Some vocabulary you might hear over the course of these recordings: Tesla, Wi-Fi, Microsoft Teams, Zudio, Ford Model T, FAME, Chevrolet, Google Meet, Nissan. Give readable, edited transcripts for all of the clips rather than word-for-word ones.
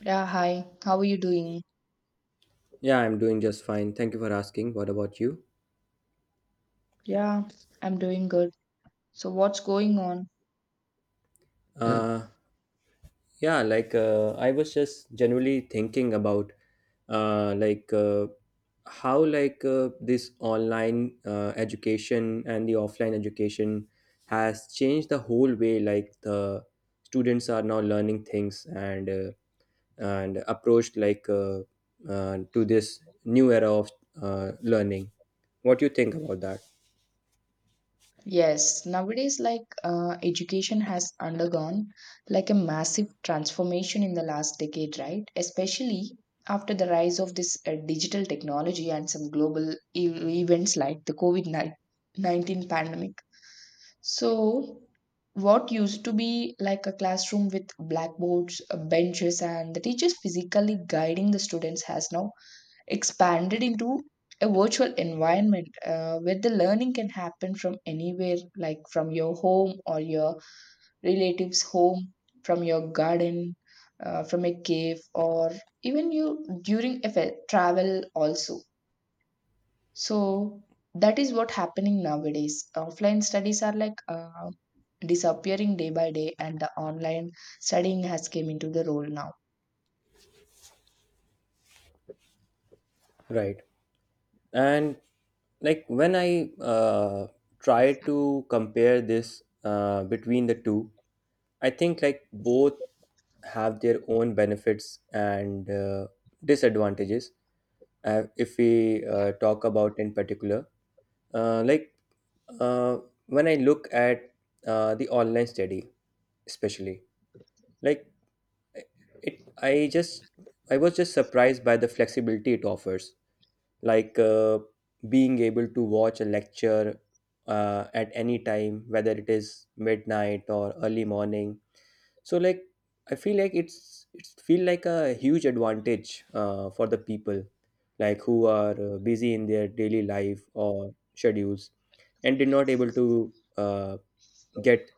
Yeah, hi. How are you doing? Yeah, I'm doing just fine. Thank you for asking. What about you? Yeah, I'm doing good. So, what's going on? Uh, yeah, I was just generally thinking about uh, like uh, how this online education and the offline education has changed the whole way, like the students are now learning things, and approached to this new era of learning. What do you think about that? Yes, nowadays, like, education has undergone like a massive transformation in the last decade, right? Especially after the rise of this digital technology and some global events like the COVID-19 pandemic. So, what used to be like a classroom with blackboards, benches, and the teachers physically guiding the students has now expanded into a virtual environment where the learning can happen from anywhere, like from your home or your relative's home, from your garden, from a cave, or even you during a travel also. So that is what happening nowadays. Offline studies are like disappearing day by day, and the online studying has came into the role now. Right. And when I try to compare this between the two. I think like both have their own benefits and disadvantages. If we talk about in particular, like uh, when I look at the online study especially, like it I just I was just surprised by the flexibility it offers. like uh, Being able to watch a lecture at any time, whether it is midnight or early morning. So like I feel like it's feel like a huge advantage for the people like who are busy in their daily life or schedules and did not able to get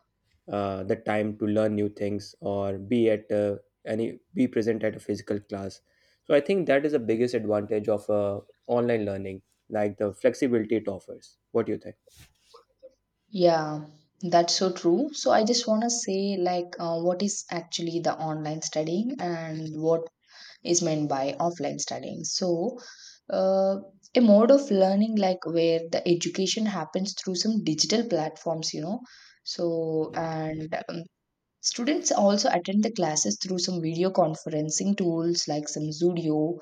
the time to learn new things or be at any be present at a physical class. So I think that is the biggest advantage of online learning, like the flexibility it offers. What do you think? Yeah, that's so true. So I just want to say, like, what is actually the online studying and what is meant by offline studying? So, uh, a mode of learning, like, where the education happens through some digital platforms, you know. So, and students also attend the classes through some video conferencing tools like some Zudio,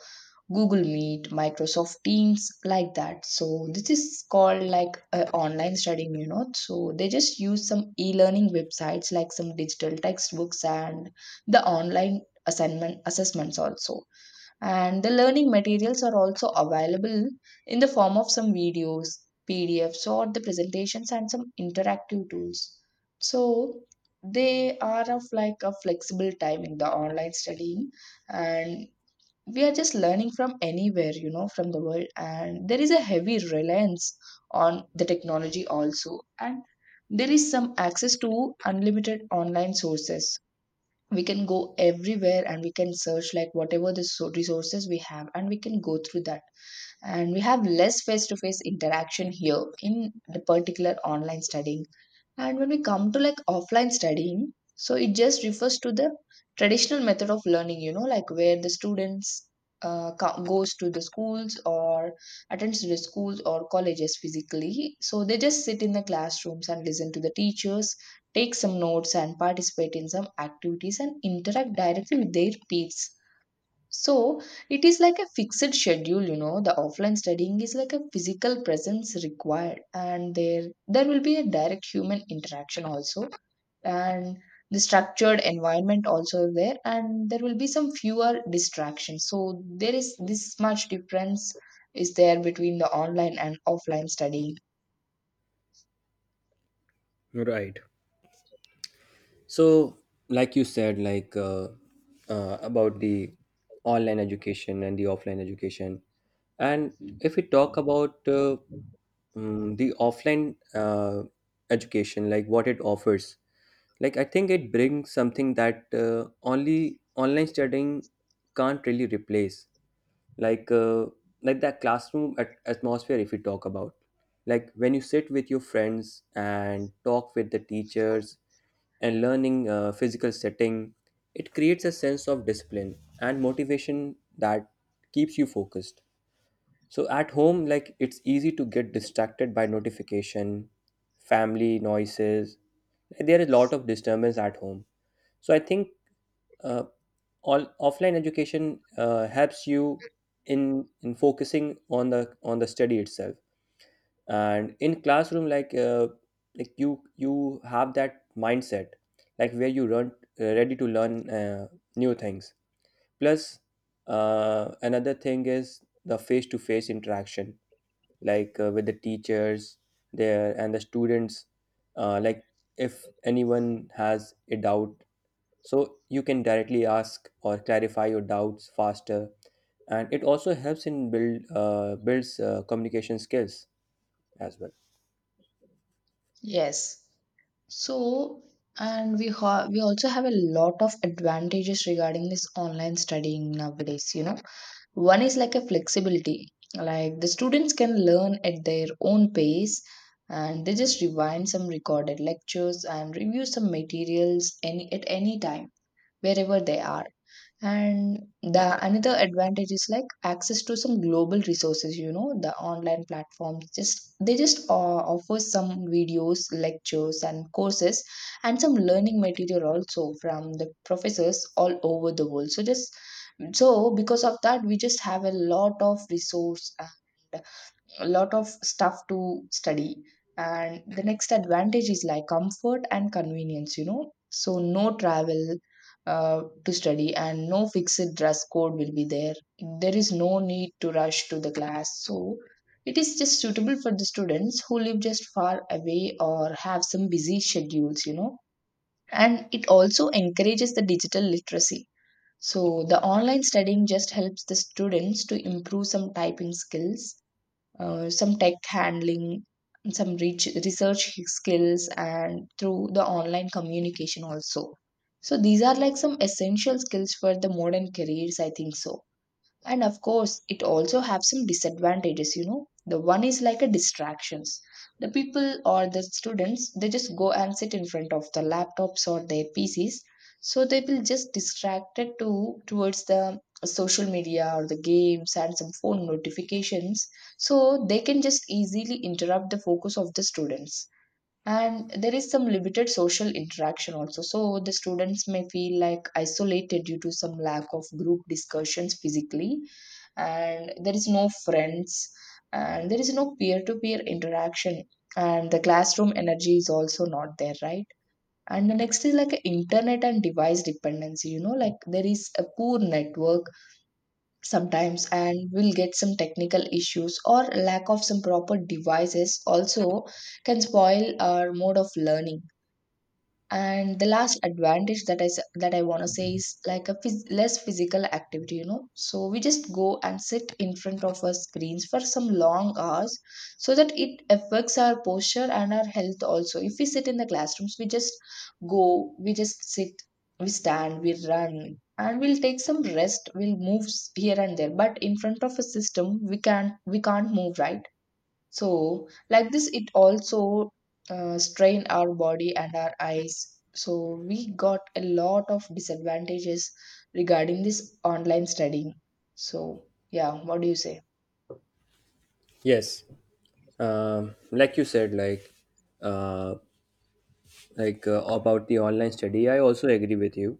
Google Meet, Microsoft Teams, like that. So this is called like online studying, you know. So they just use some e-learning websites like some digital textbooks and the online assignment assessments also. And the learning materials are also available in the form of some videos, PDFs, or the presentations and some interactive tools. So they are of like a flexible time in the online studying, and we are just learning from anywhere, you know, from the world. And there is a heavy reliance on the technology also, and there is some access to unlimited online sources. We can go everywhere and we can search like whatever the resources we have, and we can go through that. And we have less face to face interaction here in the particular online studying. And when we come to like offline studying, so it just refers to the traditional method of learning, you know, like where the students goes to the schools or attends to the schools or colleges physically. So they just sit in the classrooms and listen to the teachers, take some notes and participate in some activities and interact directly with their peers. So it is like a fixed schedule, you know. The offline studying is like a physical presence required, and there will be a direct human interaction also, and the structured environment also there, and there will be some fewer distractions. So there is this much difference is there between the online and offline studying. Right. So like you said about the online education and the offline education. And if we talk about the offline education, like what it offers, like I think it brings something that only online studying can't really replace. Like uh, like that classroom atmosphere. If we talk about, like when you sit with your friends and talk with the teachers, and learning physical setting, it creates a sense of discipline and motivation that keeps you focused. So at home, like it's easy to get distracted by notification, family noises. Like, there is a lot of disturbance at home. So I think uh, all offline education helps you in focusing on the study itself. And in classroom, like you have that mindset, like where you run ready to learn new things. Plus, another thing is the face to face interaction with the teachers there and the students. Like if anyone has a doubt, so you can directly ask or clarify your doubts faster. And it also helps in build builds communication skills as well. Yes. So we also have a lot of advantages regarding this online studying nowadays, you know. One is like a flexibility, like the students can learn at their own pace, and they just rewind some recorded lectures and review some materials any at any time wherever they are. And the another advantage is like access to some global resources, you know. The online platforms just they just offer some videos, lectures and courses, and some learning material also from the professors all over the world. So just so because of that we just have a lot of resource and a lot of stuff to study. And the next advantage is like comfort and convenience, you know, so no travel to study, and no fixed dress code will be there. There is no need to rush to the class, so it is just suitable for the students who live just far away or have some busy schedules, you know. And it also encourages the digital literacy. So the online studying just helps the students to improve some typing skills, some tech handling, some research skills, and through the online communication also. So these are like some essential skills for the modern careers, I think so. And of course it also have some disadvantages, you know. The one is like a distractions. The people or the students, they just go and sit in front of the laptops or their pcs, so they will just distracted to towards the social media or the games and some phone notifications. So they can just easily interrupt the focus of the students. And there is some limited social interaction also, so the students may feel like isolated due to some lack of group discussions physically. And there is no friends, and there is no peer to peer interaction, and the classroom energy is also not there, right? And the next is like a internet and device dependency, you know, like there is a poor network sometimes, and we'll get some technical issues or lack of some proper devices also can spoil our mode of learning. And the last advantage that I want to say is like a less physical activity, you know. So we just go and sit in front of our screens for some long hours, so that it affects our posture and our health also. If we sit in the classrooms, we just go we just sit, we stand we run, and we'll take some rest, we'll move here and there. But in front of a system we can't move, right? So, like this, it also strain our body and our eyes. So, we got a lot of disadvantages regarding this online studying. So, yeah, what do you say? Yes. Um, like you said like uh, like uh, about the online study, I also agree with you.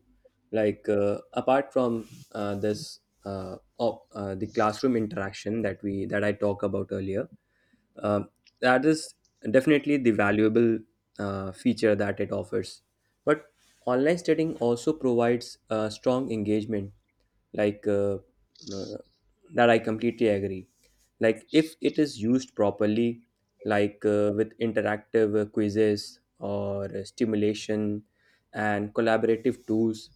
Like apart from the classroom interaction that we that I talked about earlier, um, that is definitely the valuable feature that it offers. But online studying also provides strong engagement, like uh, uh, that I completely agree. Like if it is used properly, with interactive quizzes or stimulation and collaborative tools.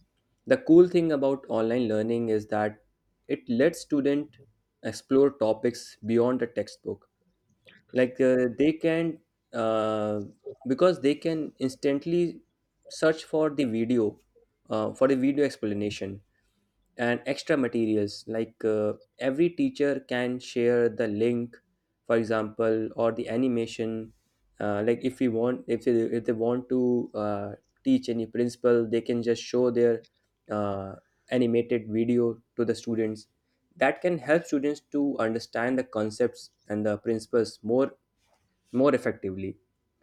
The cool thing about online learning is that it lets student explore topics beyond the textbook. Like they can uh, because they can instantly search for the video explanation and extra materials. Every teacher can share the link, for example, or the animation. Like if we want if they, If they want to teach any principle, they can just show their uh, animated video to the students. That can help students to understand the concepts and the principles more effectively,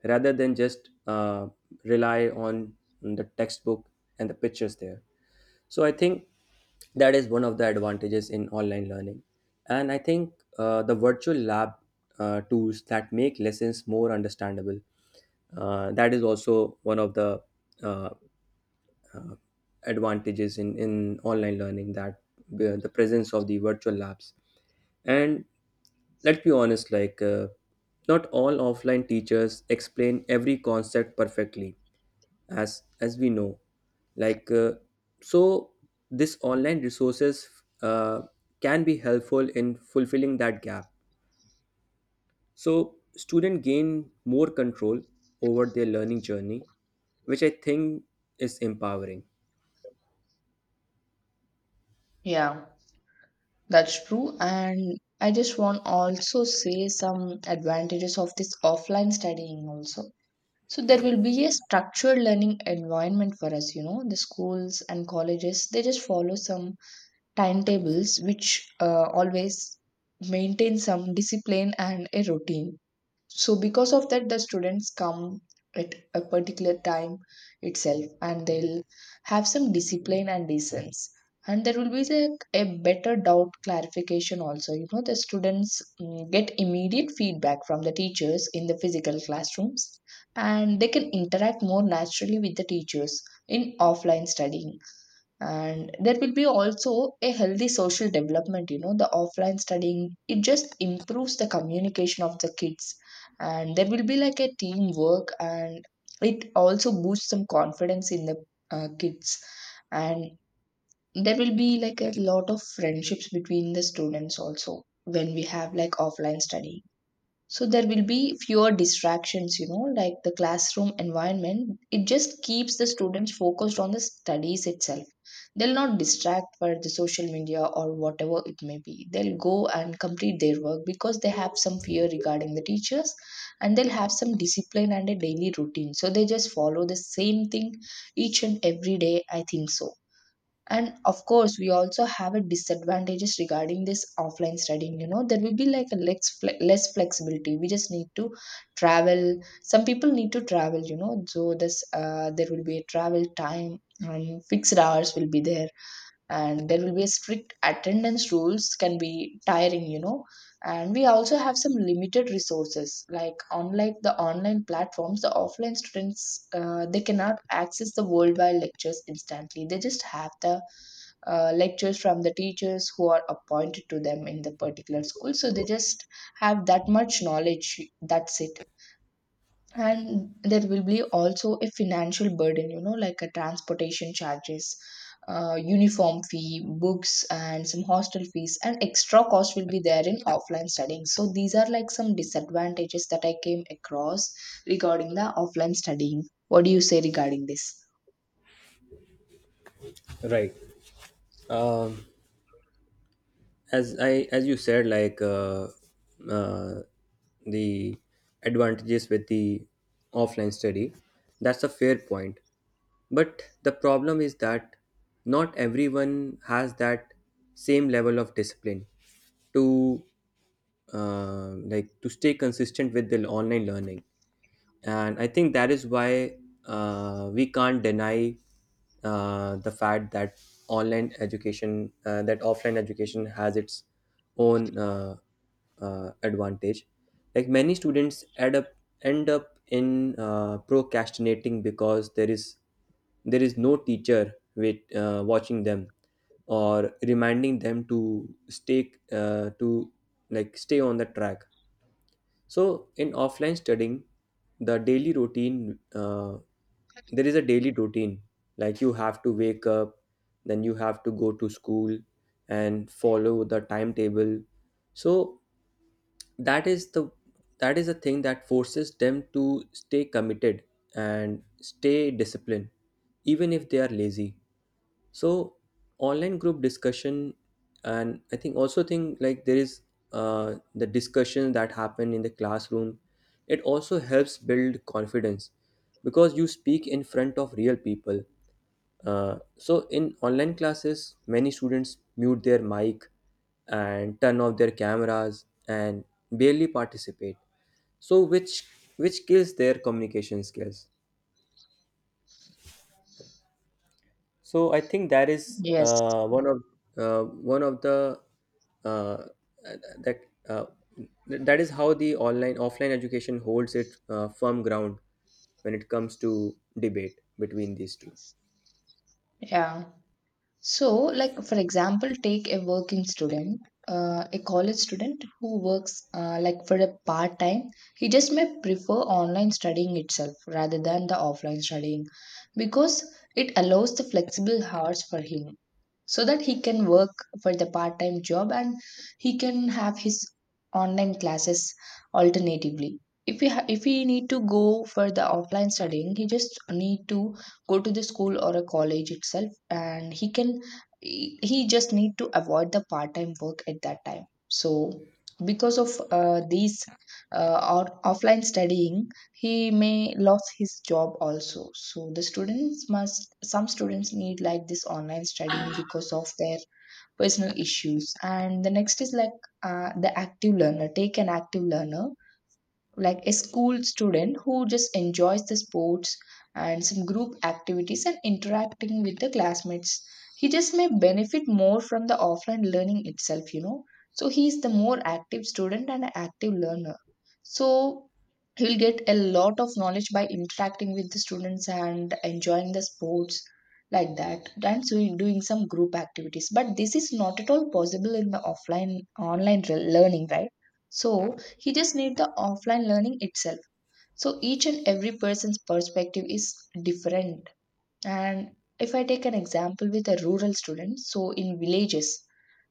rather than just rely on the textbook and the pictures there. So I think that is one of the advantages in online learning. And I think the virtual lab tools that make lessons more understandable, that is also one of the uh, advantages in online learning, that the presence of the virtual labs. And let's be honest, not all offline teachers explain every concept perfectly, as we know. Like, uh, so this online resources uh, can be helpful in fulfilling that gap. So students gain more control over their learning journey, which I think is empowering. Yeah, that's true. And I just want also say some advantages of this offline studying also. So there will be a structured learning environment for us, you know. The schools and colleges, they just follow some timetables which always maintain some discipline and a routine. So because of that the students come at a particular time itself, and they'll have some discipline and decency. And there will be like a better doubt clarification also, you know. The students get immediate feedback from the teachers in the physical classrooms, and they can interact more naturally with the teachers in offline studying. And there will be also a healthy social development, you know. The offline studying, it just improves the communication of the kids, and there will be like a teamwork, and it also boosts some confidence in the kids. And there will be like a lot of friendships between the students also when we have like offline study. So there will be fewer distractions, you know, like the classroom environment, it just keeps the students focused on the studies itself. They'll not distract for the social media or whatever it may be. They'll go and complete their work because they have some fear regarding the teachers, and they'll have some discipline and a daily routine, so they just follow the same thing each and every day, I think so. And of course we also have a disadvantages regarding this offline studying, you know. There will be like a less flexibility. We just need to travel, some people need to travel, you know. So this there will be a travel time and fixed hours will be there, and there will be a strict attendance rules can be tiring, you know. And we also have some limited resources. Like unlike the online platforms, the offline students they cannot access the worldwide lectures instantly. They just have the lectures from the teachers who are appointed to them in the particular school, so they just have that much knowledge, that's it. And there will be also a financial burden, you know, like a transportation charges, uniform fee, books, and some hostel fees and extra cost will be there in offline studying. So these are like some disadvantages that I came across regarding the offline studying. What do you say regarding this? Right. Um, as you said, uh, the advantages with the offline study, that's a fair point. But the problem is that not everyone has that same level of discipline to to stay consistent with the online learning. And I think that is why we can't deny the fact that online education that offline education has its own advantage. Like many students end up in procrastinating, because there is no teacher with watching them or reminding them to stay to like stay on the track. So in offline studying, the daily routine, uh, there is a daily routine. Like you have to wake up, then you have to go to school and follow the timetable. So that is the that is a thing that forces them to stay committed and stay disciplined, even if they are lazy. So online group discussion, and I think also think like there is the discussion that happen in the classroom, it also helps build confidence because you speak in front of real people. So in online classes many students mute their mic and turn off their cameras and barely participate. So which kills their communication skills. So I think that is Yes. One of the uh, that uh, that is how the online offline education holds it firm ground when it comes to debate between these two. Yeah. So, like for example, take a working student, a college student who works like for a part time. He just may prefer online studying itself rather than the offline studying because it allows the flexible hours for him so that he can work for the part time job and he can have his online classes alternatively. If he need to go for the offline studying he just need to go to the school or a college itself, and he can he just need to avoid the part time work at that time. So because of these or offline studying he may lose his job also. So the students must, some students need like this online studying because of their personal issues. And the next is like the active learner. Take an active learner like a school student who just enjoys the sports and some group activities and interacting with the classmates. He just may benefit more from the offline learning itself, you know. So he is the more active student and an active learner, so he will get a lot of knowledge by interacting with the students and enjoying the sports like that, and so you're doing some group activities. But this is not at all possible in the learning, right? So he just need the offline learning itself. So each and every person's perspective is different. And if I take an example with a rural student, so in villages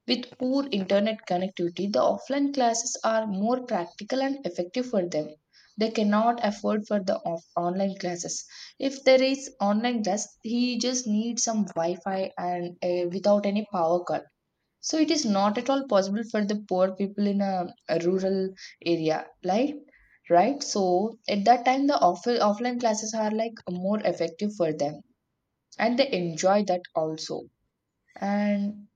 with poor internet connectivity, the offline classes are more practical and effective for them. They cannot afford for the online classes. If there is online class, he just needs some Wi-Fi and without any power cut. So it is not at all possible for the poor people in a rural area, right? Right. So at that time, the offline classes are like more effective for them, and they enjoy that also. And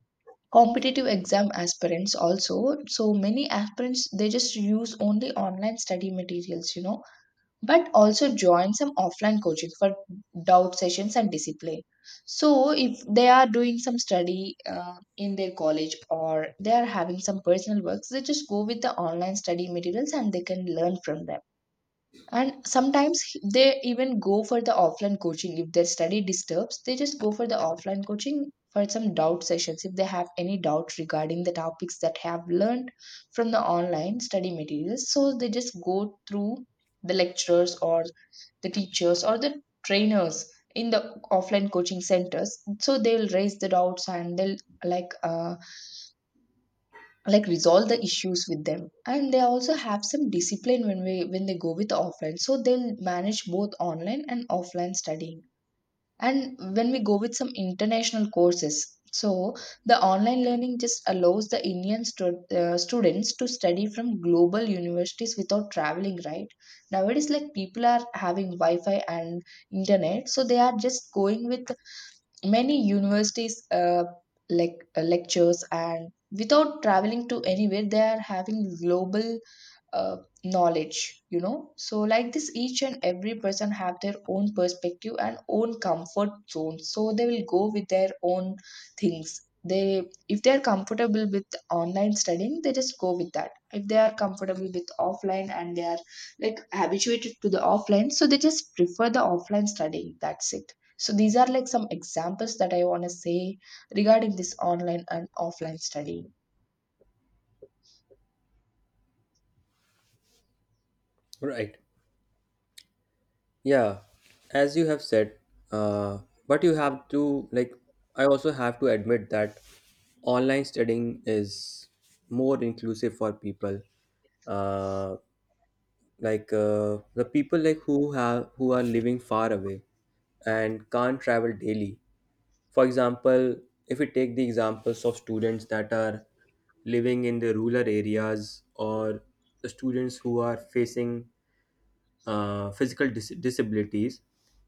competitive exam aspirants also. So many aspirants, they just use only online study materials, you know, but also join some offline coaching for doubt sessions and discipline. So if they are doing some study in their college, or they are having some personal works, they just go with the online study materials and they can learn from them. And sometimes they even go for the offline coaching. If their study disturbs, they just go for the offline coaching for some doubt sessions if they have any doubt regarding the topics that have learned from the online study materials. So they just go through the lecturers or the teachers or the trainers in the offline coaching centers, so they'll raise the doubts and they'll like uh, like resolve the issues with them. And they also have some discipline when they go with the offline, so they'll manage both online and offline studying. And when we go with some international courses, so the online learning just allows the students to study from global universities without traveling, right? Nowadays like people are having Wi-Fi and internet, so they are just going with many universities lectures, and without traveling to anywhere they are having global uh, knowledge, you know. So like this each and every person have their own perspective and own comfort zone, so they will go with their own things. They, if they are comfortable with online studying, they just go with that. If they are comfortable with offline and they are like habituated to the offline, so they just prefer the offline studying, that's it. So these are like some examples that I want to say regarding this online and offline studying. Right. Yeah, as you have said, uh, but you have to like I also have to admit that online studying is more inclusive for people. Uh, like the people like who are living far away and can't travel daily. For example, if we take the examples of students that are living in the rural areas, or the students who are facing physical disabilities.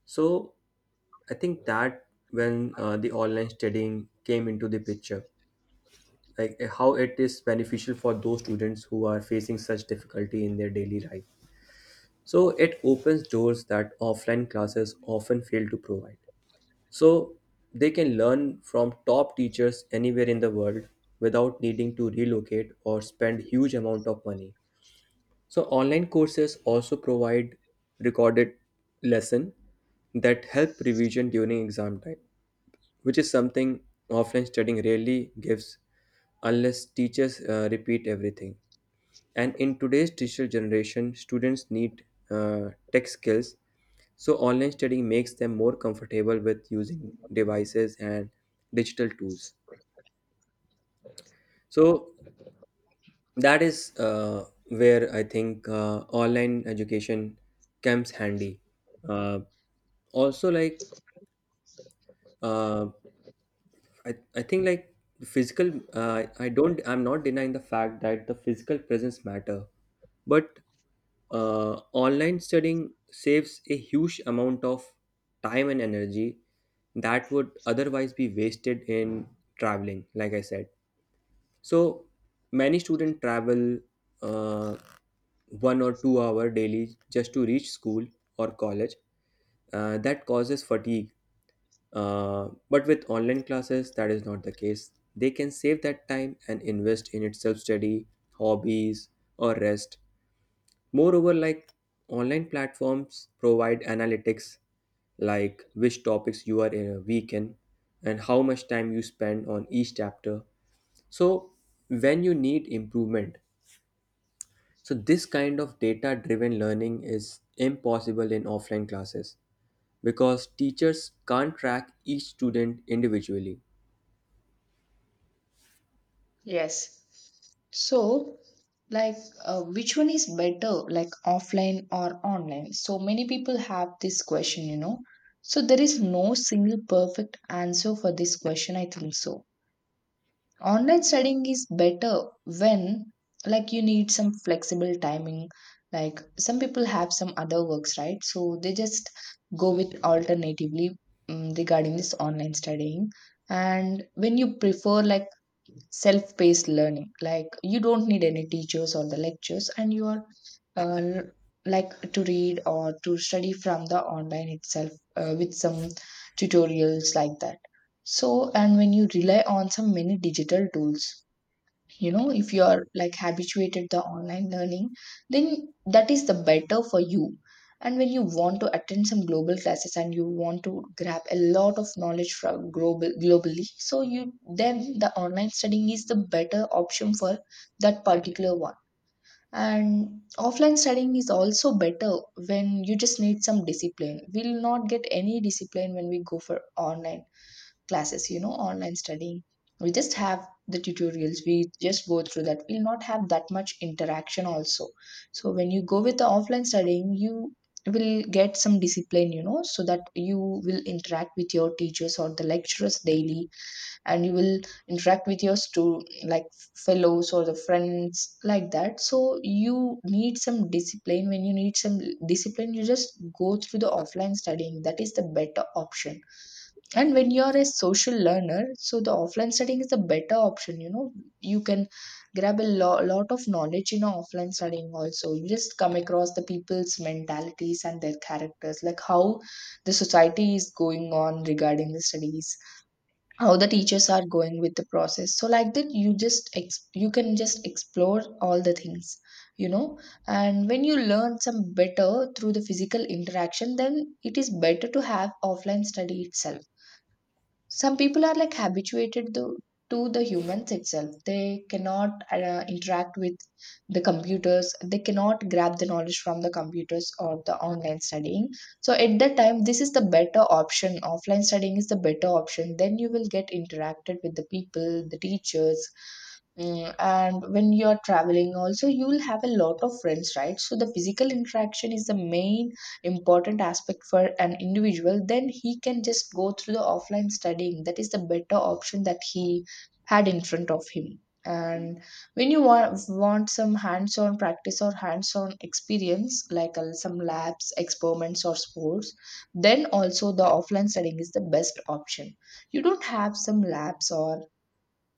So I think that when the online studying came into the picture, how it is beneficial for those students who are facing such difficulty in their daily life. So it opens doors that offline classes often fail to provide. So they can learn from top teachers anywhere in the world without needing to relocate or spend huge amount of money. So online courses also provide recorded lesson that help revision during exam time, which is something offline studying rarely gives unless teachers repeat everything. And in today's digital generation, students need tech skills. So online studying makes them more comfortable with using devices and digital tools. So that is where I think online education comes handy. Uh, also, like uh, I, I think like the physical I don't, I'm not denying the fact that the physical presence matter, but online studying saves a huge amount of time and energy that would otherwise be wasted in traveling, like I said. So many students travel uh, 1 or 2 hour daily just to reach school or college, that causes fatigue. But with online classes that is not the case. They can save that time and invest in its self-study, hobbies, or rest. Moreover, like online platforms provide analytics, like which topics you are in and how much time you spend on each chapter. So when you need improvement, so this kind of data driven learning is impossible in offline classes, because teachers can't track each student individually. Yes. So, like, which one is better, like offline or online? So many people have this question, you know. So there is no single perfect answer for this question, I think so. Online studying is better when, like, you need some flexible timing. Like, some people have some other works, right? So they just go with alternatively regarding this online studying. And when you prefer, like, self paced learning. Like you don't need any teachers or the lectures, and you are uh, l- like to read or to study from the online itself with some tutorials like that. So, and when you rely on some many digital tools, you know, if you are like habituated the online learning, then that is the better for you. And when you want to attend some global classes and you want to grab a lot of knowledge from globally, so you, then the online studying is the better option for that particular one. And offline studying is also better when you just need some discipline. We'll not get any discipline when we go for online classes, you know, online studying. We just have the tutorials, we just go through that. We'll not have that much interaction also. So when you go with the offline studying, you will get some discipline, you know, so that you will interact with your teachers or the lecturers daily, and you will interact with your fellows or the friends like that. So you need some discipline. When you need some discipline, you just go through the offline studying, that is the better option. And when you're a social learner, so the offline studying is the better option, you know. You can grab a lot of knowledge in offline studying also. You just come across the people's mentalities and their characters, like how the society is going on regarding the studies, how the teachers are going with the process. So like that you just you can just explore all the things, you know. And when you learn some better through the physical interaction, then it is better to have offline study itself. Some people are like to the humans itself, they cannot interact with the computers, they cannot grab the knowledge from the computers or the online studying. So at that time this is the better option, offline studying is the better option, then you will get interacted with the people, the teachers. Mm, and when you're traveling also you'll have a lot of friends, right? So the physical interaction is the main important aspect for an individual, then he can just go through the offline studying, that is the better option that he had in front of him. And when you want some hands-on practice or hands-on experience like some labs experiments or sports, then also the offline studying is the best option. You don't have some labs or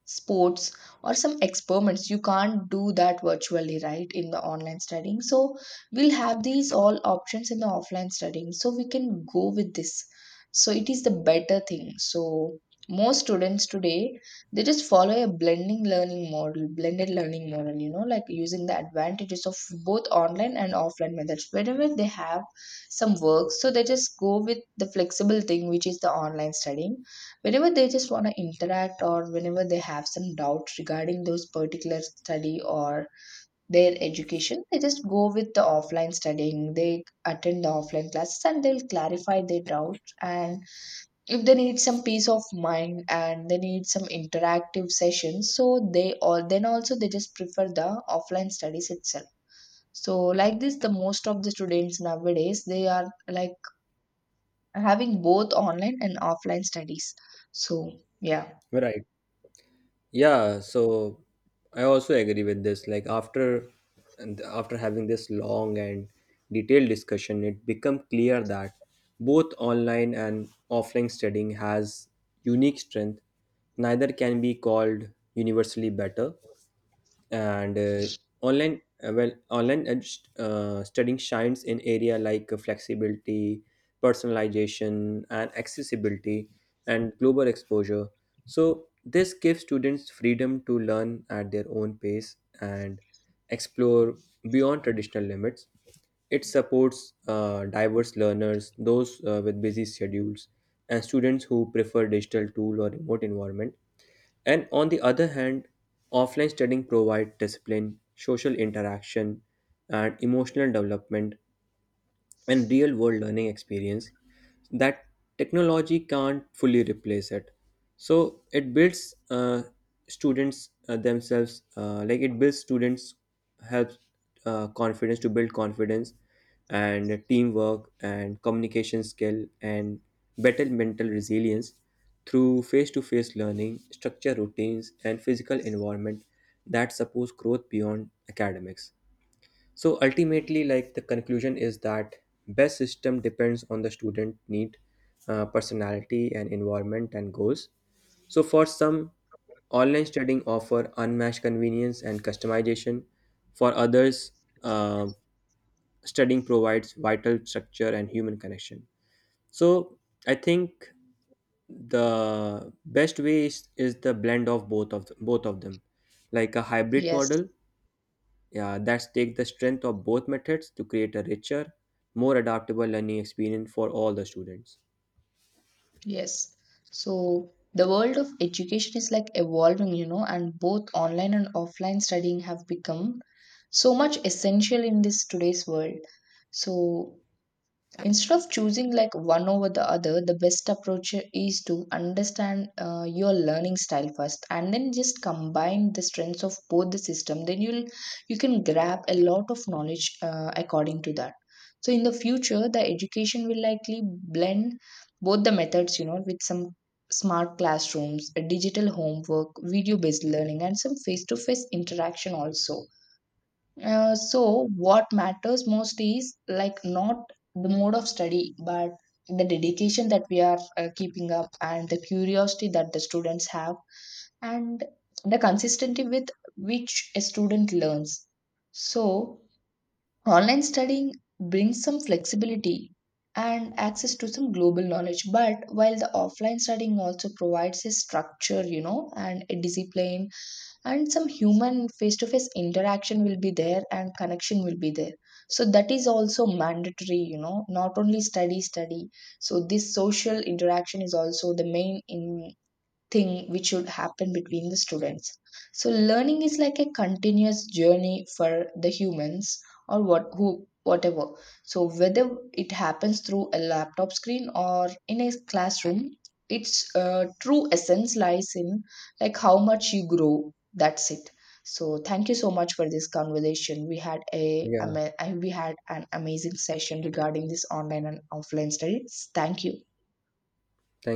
sports or some experiments, you can't do that virtually, right, in the online studying. So we'll have these all options in the offline studying, so we can go with this. So it is the better thing. So most students today, they just follow a blending learning model blended learning model, you know, like using the advantages of both online and offline methods. Whenever they have some work, so they just go with the flexible thing which is the online studying. Whenever they just want to interact or whenever they have some doubts regarding those particular study or their education, they just go with the offline studying, they attend the offline classes and they'll clarify their doubts. And if they need some peace of mind and they need some interactive sessions, so they all, then also they just prefer the offline studies itself. So like this the most of the students nowadays they are like having both online and offline studies. So yeah. Right. Yeah, so I also agree with this. After having this long and detailed discussion, it become clear that both online and offline studying has unique strength. Neither can be called universally better. And Online studying shines in area like flexibility, personalization and accessibility, and global exposure. So this gives students freedom to learn at their own pace and explore beyond traditional limits. It supports diverse learners, those with busy schedules and students who prefer digital tool or remote environment. And on the other hand, offline studying provides discipline, social interaction, and emotional development, and real world learning experience that technology can't fully replace it. So it builds students themselves like it builds students helps confidence to build confidence and teamwork and communication skill and better mental resilience through face-to-face learning, structure routines and physical environment that supports growth beyond academics. So ultimately, like the conclusion is that best system depends on the student need, personality, and environment and goals. So for some, online studying offer unmatched convenience and customization. For others, uh, studying provides vital structure and human connection. So I think the best way is the blend of both of them, like a hybrid Yes. model. Yeah, that's take the strength of both methods to create a richer, more adaptable learning experience for all the students. Yes. So the world of education is like evolving, you know, and both online and offline studying have become so much essential in this today's world. So instead of choosing like one over the other, the best approach is to understand your learning style first, and then just combine the strengths of both the system. Then you'll You can grab a lot of knowledge according to that. So in the future, the education will likely blend both the methods, you know, with some smart classrooms, digital homework, video-based learning, and some face-to-face interaction also. So what matters most is like not the mode of study, but the dedication that we are keeping up, and the curiosity that the students have, and the consistency with which a student learns. So online studying brings some flexibility and access to some global knowledge, but while the offline studying also provides a structure, you know, and a discipline, and some human face to face interaction will be there, and connection will be there. So that is also mandatory, you know, not only study. So this social interaction is also the main in thing which should happen between the students. So learning is like a continuous journey for the humans, or what who whatever. So whether it happens through a laptop screen or in a classroom, its true essence lies in like how much you grow, that's it. So thank you so much for this conversation. We had a Yeah, we had an amazing session regarding this online and offline studies. Thank you. thank you.